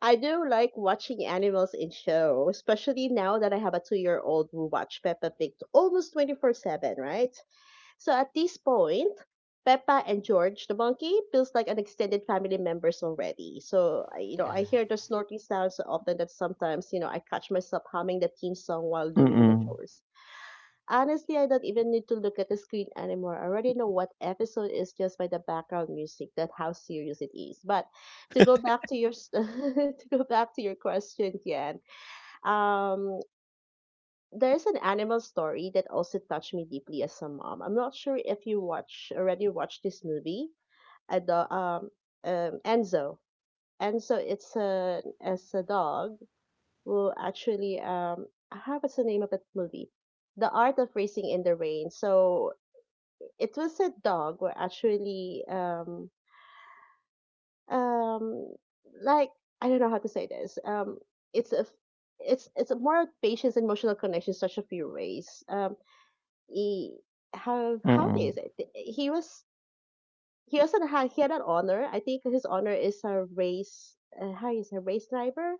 I do like watching animals in show, especially now that I have a two-year-old who watch Peppa Pig almost 24/7, right? So at this point, Peppa and George the monkey feels like an extended family members already. So I- you know, I
Yeah.
hear the snorting sounds so often that sometimes you know I catch myself humming the theme song while doing the
Mm-mm.
chores. Honestly, I don't even need to look at the screen anymore. I already know what episode is just by the background music. That how serious it is. But to go back to your s- to go back to your question, Jan. Um, there's an animal story that also touched me deeply as a mom. I'm not sure if you watch already watched this movie. A do- Enzo. Enzo, it's a as a dog who actually how what's the name of that movie? The Art of Racing in the Rain. So it was a dog who actually um like I don't know how to say this. It's a it's a more of patience and emotional connection such a few ways. He how do you
Mm,
say it? He was he also had he had an honor, I think his honor is a race how is a race driver,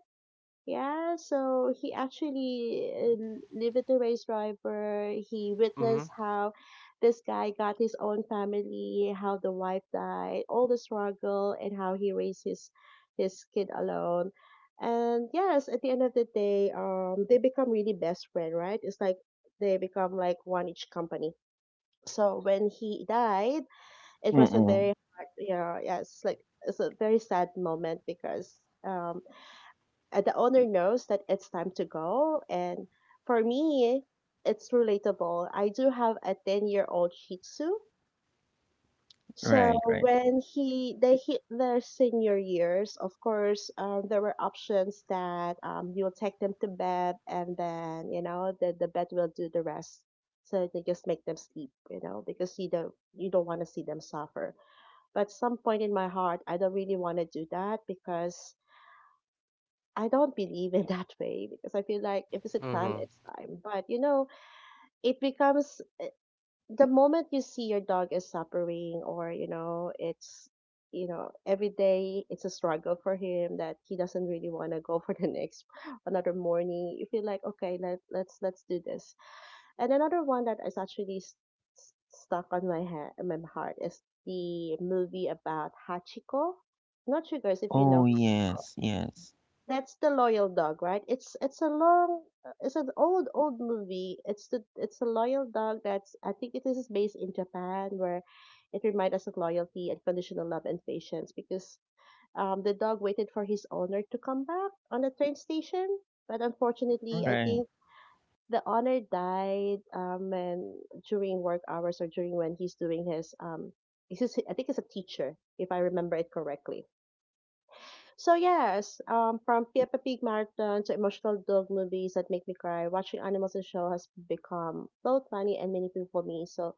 yeah, so he actually lived with the race driver, he
Mhm.
witnessed how this guy got his own family, how the wife died, all the struggle, and how he raised his kid alone. And yes, at the end of the day, um, they become really best friend, right? It's like they become like one each company. So when he died, it was a
mm.
very hard, yeah, yes, like it's a very sad moment because um, and the owner knows that it's time to go. And for me, it's relatable, I do have a 10-year-old shih tzu. So
Right, right.
when he they hit their senior years, of course, there were options that you'll take them to bed, and then you know the bed will do the rest. So they just make them sleep, you know, because you don't want to see them suffer. But some point in my heart, I don't really want to do that because I don't believe in that way. Because I feel like if it's a time,
Mhm.
it's time. But you know, it becomes eh, the moment you see your dog is suffering, or you know it's you know every day it's a struggle for him, that he doesn't really want to go for the next another morning, you feel like okay, let's do this. And another one that is actually st- stuck on my head, my heart, is the movie about Hachiko. Not sure guys if you know,
Oh, yes, yes.
that's the loyal dog, right? It's a long, it's an old old movie. It's the it's a loyal dog that's I think it is based in Japan, where it reminds us of loyalty, unconditional love, and patience. Because um, the dog waited for his owner to come back on the train station, but unfortunately, I
Right.
think the owner died um, and during work hours or during when he's doing his. This is, I think it's a teacher, if I remember it correctly. So yes, from Peppa Pig marathon to emotional dog movies that make me cry, watching animals and show has become both funny and meaningful for me. So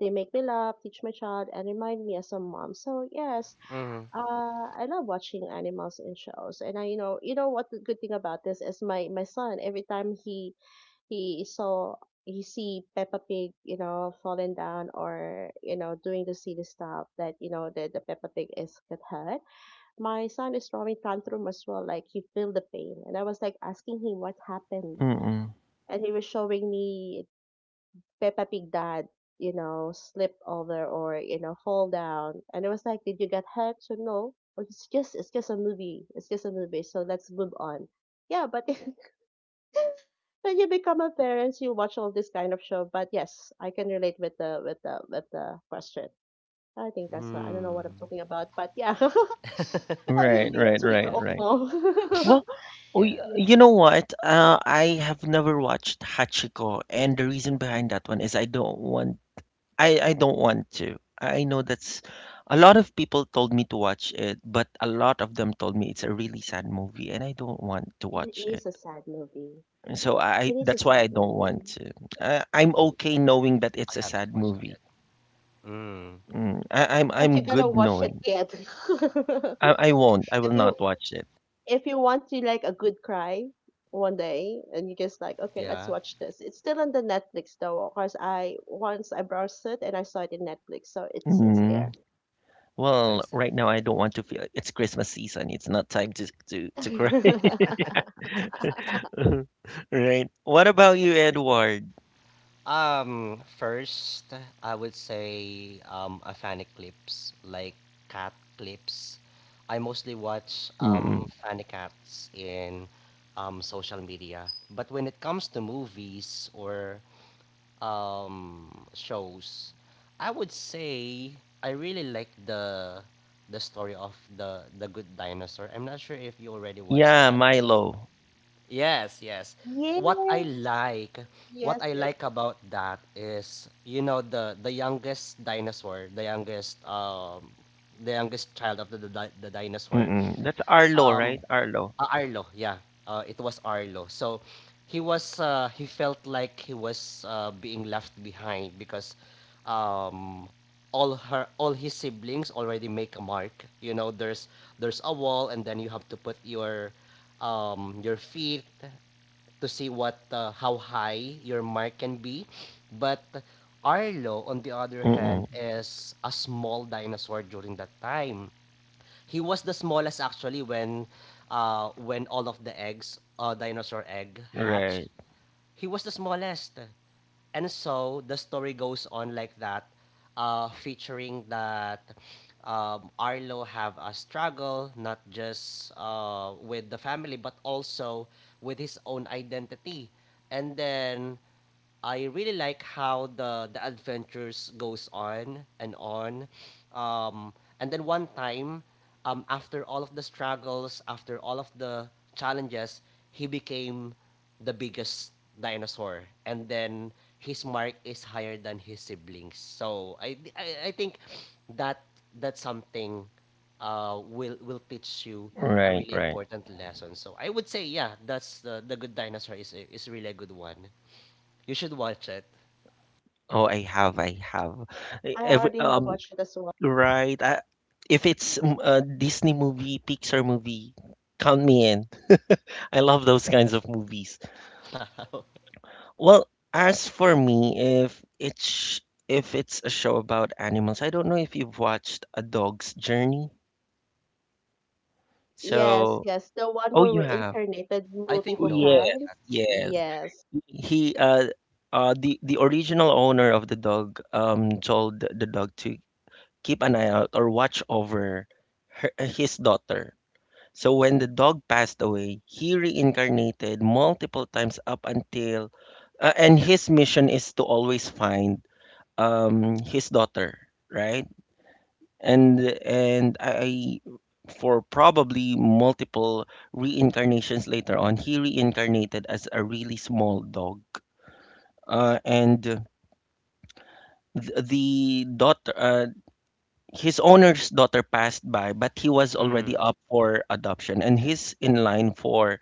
they make me laugh, teach my child, and remind me as a mom. So yes,
Mhm.
I love watching animals and shows. And I, you know what the good thing about this is, my son. Every time he saw he see Peppa Pig falling down, or doing the silly stuff, that you know that the Peppa Pig is get hurt, my son is throwing tantrum as well, like he feel the pain. And I was like asking him what happened,
Mm.
and he was showing me Peppa Pig dad, slip over, or fall down. And I was like, did you get hurt? So no. "Oh, it's just a movie, it's just a movie, so let's move on." Yeah, but when you become a parent, you watch all this kind of show. But yes, I can relate with the question. I think that's, I don't know what I'm
Mm.
talking about, but yeah, I
Right,
will be a
right, right,
2-year-old
right.
now.
Well, oh,
Yeah.
you
Yes,
know what? I have never watched Hachiko, and the reason behind that one is I don't want to. I know that's a lot of people told me to watch it, but a lot of them told me it's a really sad movie, and I don't want to
it
watch it.
is a sad movie.
So
It
I
is a
that's why I
sad
don't
movie.
want to. I'm okay knowing that
I
it's a
haven't
sad
watched it
movie.
yet. Mm,
But you
I'm
gotta
good
watch it
knowing.
yet.
I won't. I
if
will
you
not watch it.
if you want to, like, a good cry one day, and you just like, okay, let's
yeah,
watch this. It's still on the Netflix, though, because I once I browsed it and I saw it in Netflix, so it's
Mm.
there.
I
Well,
see.
right now I don't want to feel it's Christmas season. It's not time to cry. Right. What about you, Edward?
First, I would say a fan clips like cat clips. I mostly watch
Mm-mm.
fan cats in social media. But when it comes to movies or shows, I would say I really like the story of the Good Dinosaur. I'm not sure if you already watched
Yeah,
that.
Milo.
Yes, yes. What I
Yes.
like, what
Yes,
I
yes.
like about that is, you know, the youngest dinosaur, the youngest child of the the dinosaur,
Mm-mm. That's Arlo,
um,
right? Arlo.
Arlo. Yeah, it was Arlo. So he was he felt like he was being left behind because um, all her all his siblings already make a mark. You know, there's a wall, and then you have to put your feet to see what how high your mark can be. But Arlo, on the other hand,
Mm-mm.
is a small dinosaur during that time. He was the smallest actually when all of the eggs, dinosaur egg, hatched.
Right.
He was the smallest. And so the story goes on like that, featuring that Arlo have a struggle not just with the family but also with his own identity. And then I really like how the adventures goes on. Um, and then one time, after all of the struggles, after all of the challenges, he became the biggest dinosaur. And then his mark is higher than his siblings. So I think that that's something will teach you a
Right.
really
Right.
important lesson. So I would say yeah, that's the good dinosaur is is really a good one. You should watch it.
Oh, I have. I have. I-
I
Every
already have
um.
watched it as well.
Right. If it's mm, a Disney movie, Pixar movie, count me in. I love those kinds of movies. Well, as for me, if it's a show about animals, I don't know if you've watched A Dog's Journey.
Yes,
So,
yes. The one
oh,
where
you
we
have.
reincarnated
I think
Oh,
multiple
no,
yes,
not
times.
yet.
yes.
Yes.
He The original owner of the dog told the dog to keep an eye out or watch over her, his daughter. So when the dog passed away, he reincarnated multiple times up until, and his mission is to always find his daughter, right? And and I, for probably multiple reincarnations later on, he reincarnated as a really small dog, uh, and the daughter, his owner's daughter passed by, but he was already
Mm.
up for adoption, and he's in line for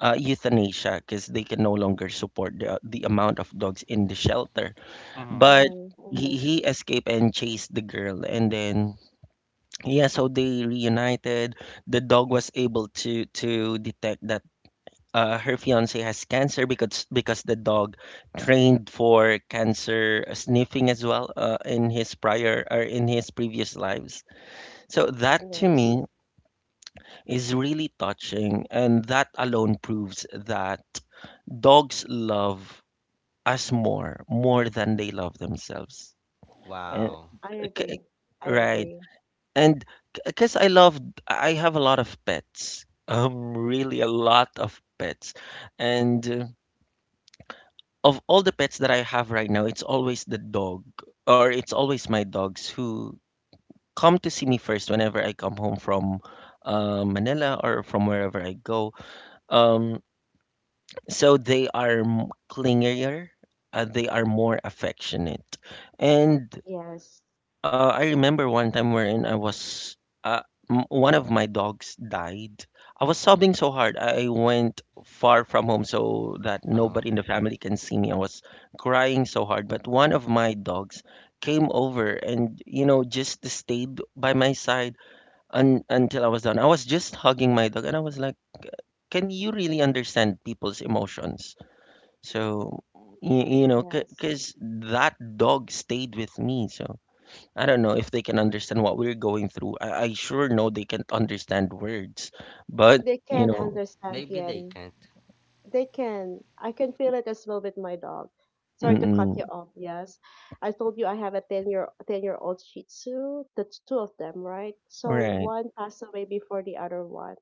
euthanasia because they can no longer support the amount of dogs in the shelter.
Mm-hmm.
But
Mm-hmm, mm-hmm.
he escaped and chased the girl, and then yeah, so they reunited. The dog was able to detect that. Her fiance has cancer because the dog trained for cancer sniffing as well in his prior or in his previous lives. So that to
Yes.
me is really touching, and that alone proves that dogs love us more than they love themselves and,
Wow.
I agree.
k-
I
right.
agree.
And because I love, I have a lot of pets really a lot of pets, and of all the pets that I have right now, it's always the dog, or it's always my dogs who come to see me first whenever I come home from Manila or from wherever I go. um so they are clingier, they are more affectionate. And
Yes.
I remember one time wherein I was uh, one of my dogs died. I was sobbing so hard. I went far from home so that
Uh,
nobody in the family can see me. I was crying so hard, but one of my dogs came over and just stayed by my side un until I was done. I was just hugging my dog and I was like, "Can you really understand people's emotions?" So y you know,
Yes.
because that dog stayed with me, so. I don't know if they can understand what we're going through. I sure know they can't understand words, but
They
you
can
know,
understand
maybe they
Yen.
can't.
They can. I can feel it as well with my dog. Sorry to cut
mm-mm,
you off. Yes. I told you I have a 10 year old Shih Tzu. That's two of them, right? So
right,
one passed away before the other one.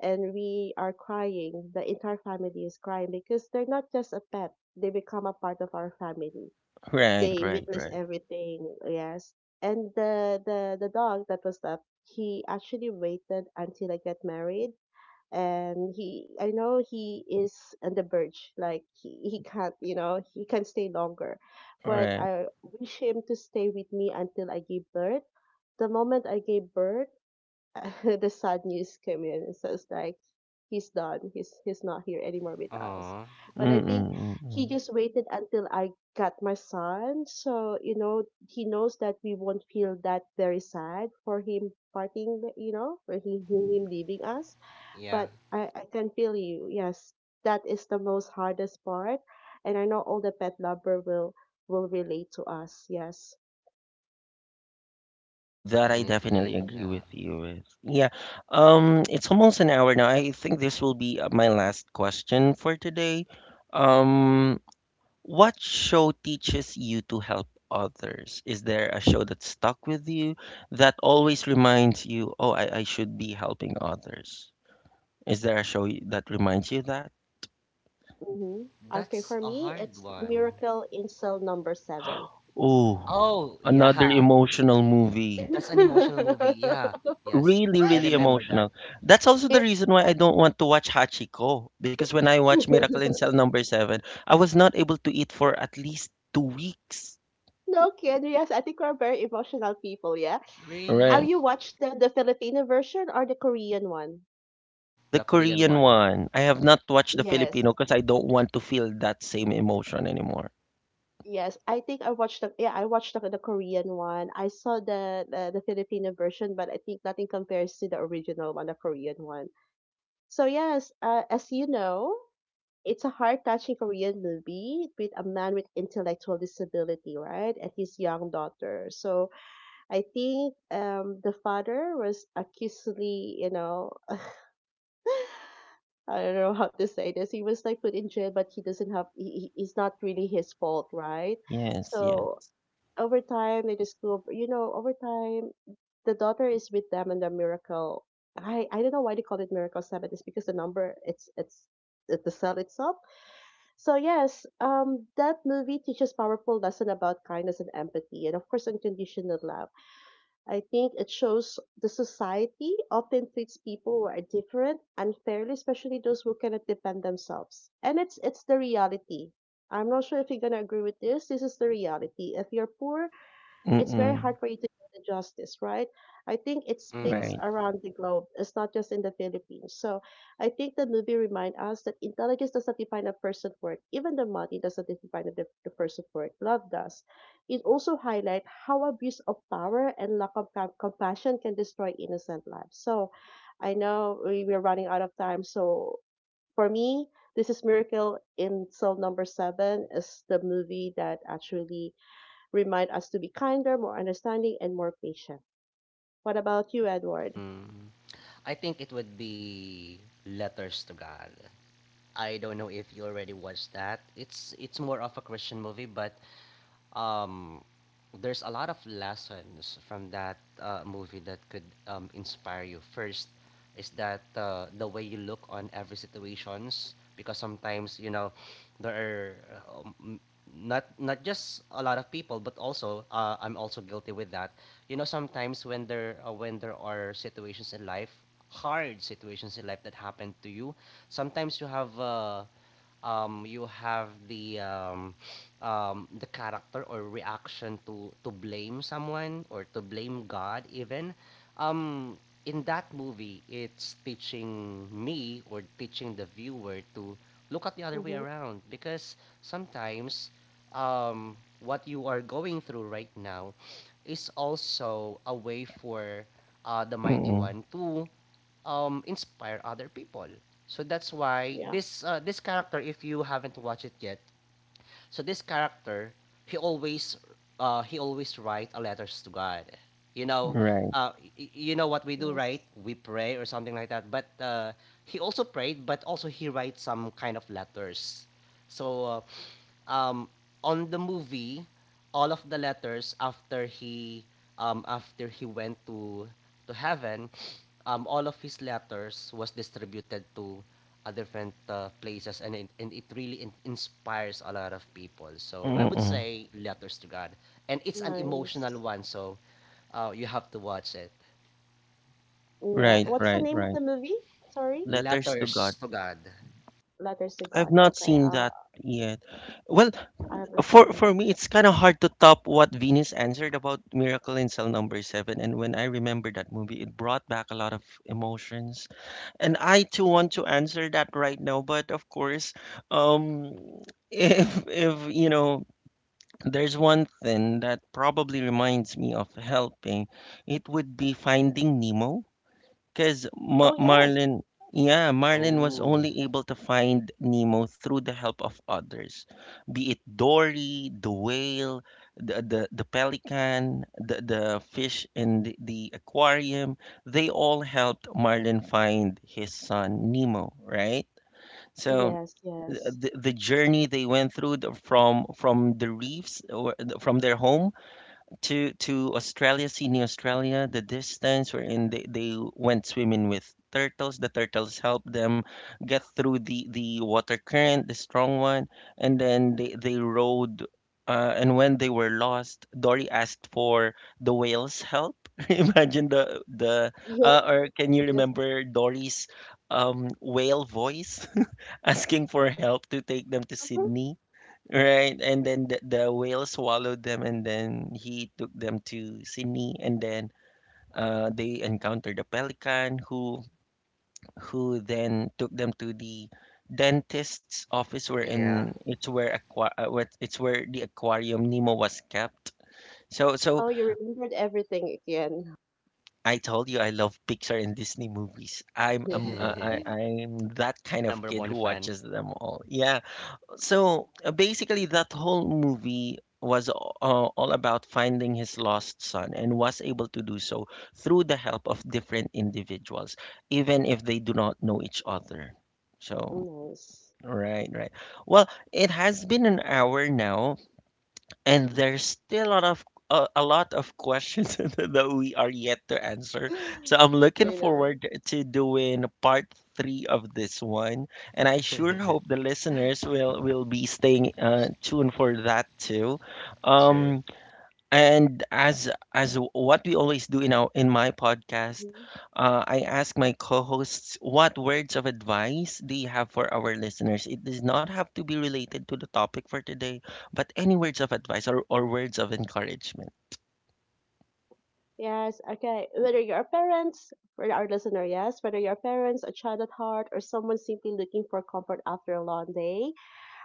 And we are crying. The entire family is crying, because they're not just a pet. They become a part of our family.
right,
They
right,
witness
right,
everything, yes. And the dog that was left, he actually waited until I get married. And he, I know he is on the verge, like, he can't, you know, he can stay longer, but
right.
I wish him to stay with me until I give birth. The moment I gave birth, the sad news came in, and so it's like he's done, he's not here anymore with us.
Oh,
But I
Mm-mm,
think he
mm-mm.
just waited until I got my son, so, you know, he knows that we won't feel that very sad for him parting, you know, for him, leaving us.
yeah,
But I can feel you, yes. That is the most hardest part. And I know all the pet lover will relate to us, yes.
That I definitely
definitely.
agree with
Yeah.
you with. Yeah, it's almost an hour now. I think this will be my last question for today. Um, what show teaches you to help others? Is there a show that stuck with you that always reminds you, oh, I should be helping others? Is there a show that reminds you of that?
Hmm. Okay, for
That's a
me,
hard
it's
one.
Miracle in Cell Number Seven.
Ooh,
Oh,
another
yeah.
emotional movie.
That's an emotional movie. Yeah. Yes.
Really,
I
really
remember that.
emotional. That's also the
It-
reason why I don't want to watch Hachiko. Because when I watched Miracle in Cell Number Seven, I was not able to eat for at least 2 weeks.
no kidding. Yes, I think we're very emotional people. Yeah. Have
Really?
Right.
you watched the Filipino version, or the Korean one?
The
The Korean
Korean
one.
one. I have not watched the
Yes.
Filipino because I don't want to feel that same emotion anymore.
Yes, I think I watched the, yeah, I watched the Korean one. I saw the Filipino version, but I think nothing compares to the original one, the Korean one. So yes, as you know, it's a heart touching Korean movie with a man with intellectual disability, right? And his young daughter. So I think the father was accusely, you know, I don't know how to say this. He was like put in jail, but he doesn't have, it's not really his fault, right?
Yes,
So
yes.
over time, they just discover, you know, over time, the daughter is with them and the miracle. I don't know why they call it miracle seven. It's because the number, it's the cell itself. So yes, that movie teaches powerful lesson about kindness and empathy, and, of course, unconditional love. I think it shows the society often treats people who are different unfairly, especially those who cannot defend themselves. And it's the reality. I'm not sure if you're gonna agree with this. This is the reality. If you're poor, it's very
Mm-mm.
hard for you to do the justice, right? I think it speaks
Mm.
Right.
around the globe. It's not just in the Philippines. So I think the movie reminds us that intelligence does not define a person's worth. Even the money does not define the person's worth. Love does. It also highlights how abuse of power and lack of compassion can destroy innocent lives. So I know we're running out of time. So for me, this is Miracle in Cell Number Seven is the movie that actually remind us to be kinder, more understanding, and more patient. What about you, Edward?
Mm. I think it would be Letters to God. I don't know if you already watched that. It's more of a Christian movie, but um, there's a lot of lessons from that movie that could inspire you. First is that the way you look on every situations because sometimes you know there are not not just a lot of people but also I'm also guilty with that. You know sometimes when there are situations in life, hard situations in life that happen to you, sometimes you have the the character or reaction to blame someone or to blame God even. Um, in that movie, it's teaching me or teaching the viewer to look at the other way
Mm-hmm.
around because sometimes what you are going through right now is also a way for the mighty
Mm-mm.
one to inspire other people. So that's why
Yeah.
this character, if you haven't watched it yet, so this character, he always he always write a letters to God. You know,
Right.
uh, you know what we do, right?
Yes.
We pray or something like that. But he also prayed, but also he writes some kind of letters. So uh, um, on the movie, all of the letters after he went to heaven, all of his letters was distributed to different places, and it really inspires a lot of people. So I would
Mm-mm.
say Letters to God, and it's an emotional
Nice.
one. So you have to watch it.
Yeah.
Right,
What's the
right,
name of the
right.
movie? Sorry?
Letters to
Letters
God.
to God.
Letters to
I've
God.
not
Okay.
seen that yet. Well,
I haven't seen
for
it
for
again.
me, it's kind of hard to top what Venus answered about Miracle in Cell Number Seven. And when I remember that movie, it brought back a lot of emotions. And I too want to answer that right now, but of course, um, if you know, there's one thing that probably reminds me of helping, it would be Finding Nemo because
Oh, yes.
Marlin, yeah, Marlin was
Oh
only able to find Nemo through the help of others, be it Dory, the whale, the pelican, the fish in the aquarium. They all helped Marlin find his son Nemo, right? So
Yes, yes.
the journey they went through the, from the reefs or the from their home to Australia, Sydney, Australia, the distance wherein they went swimming with turtles. The turtles helped them get through the water current, the strong one, and then they rode. And when they were lost, Dory asked for the whale's help. Imagine the
Yes,
or can you
yes.
remember Dory's whale voice asking for help to take them to
Mhm.
Sydney? Right, and then the whale swallowed them, and then he took them to Sydney, and then they encountered a pelican who then took them to the dentist's office, where
yeah,
in it's where aqua what it's where the aquarium Nemo was kept. So so
Oh, you remembered everything again.
I told you I love Pixar and Disney movies. I'm I'm that
we're
kind of
number
kid
one
who
fan.
watches them all. Yeah. So basically, that whole movie was all about finding his lost son and was able to do so through the help of different individuals, even if they do not know each other. So,
Nice.
right, right. Well, it has been an hour now and there's still a lot of, a lot of questions that we are yet to answer. So I'm looking
I know.
forward to doing part three of this one, and I sure hope the listeners will be staying tuned for that too.
True.
Um, and as what we always do in our in my podcast,
Mm-hmm.
I ask my co-hosts, what words of advice do you have for our listeners? It does not have to be related to the topic for today, but any words of advice or words of encouragement.
Yes, okay. Whether you're a parent, for our listener, yes, whether you're parents, a child at heart, or someone simply looking for comfort after a long day,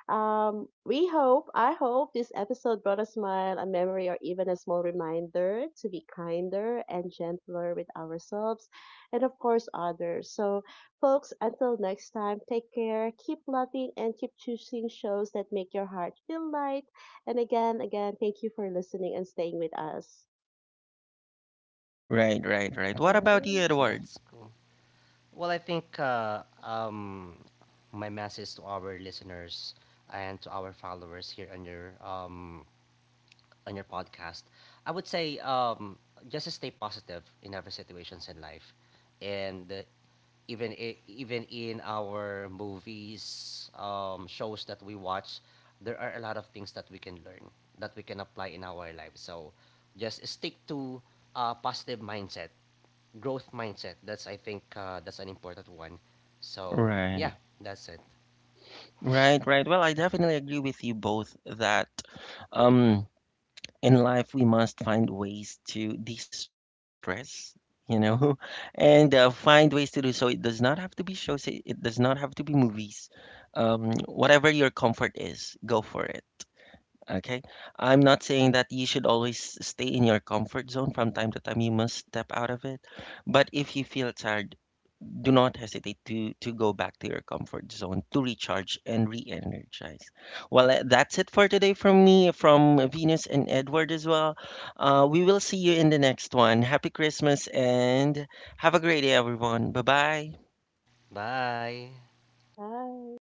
we hope, I hope this episode brought a smile, a memory, or even a small reminder to be kinder and gentler with ourselves, and, of course, others. So, folks, until next time, take care, keep loving, and keep choosing shows that make your heart feel light. And again, thank you for listening and staying with us.
Right, right, right. What about you,
Bye.
Edward?
That's cool. Well, I think my message to our listeners and to our followers here on your podcast, I would say just stay positive in every situations in life, and even in our movies, shows that we watch, there are a lot of things that we can learn that we can apply in our life. So, just stick to a positive mindset, growth mindset. That's I think that's an important one. So
Right,
yeah, that's it.
right, right. Well, I definitely agree with you both that um in life we must find ways to de-stress, you know, and find ways to do so. It does not have to be shows, it does not have to be movies. Whatever your comfort is, go for it. Okay, I'm not saying that you should always stay in your comfort zone. From time to time you must step out of it, but if you feel tired, do not hesitate to go back to your comfort zone to recharge and re-energize. Well, eh, that's it for today from me, from Venus and Edward as well. We will see you in the next one. Happy Christmas and have a great day, everyone. Bye bye.
Bye.
Bye.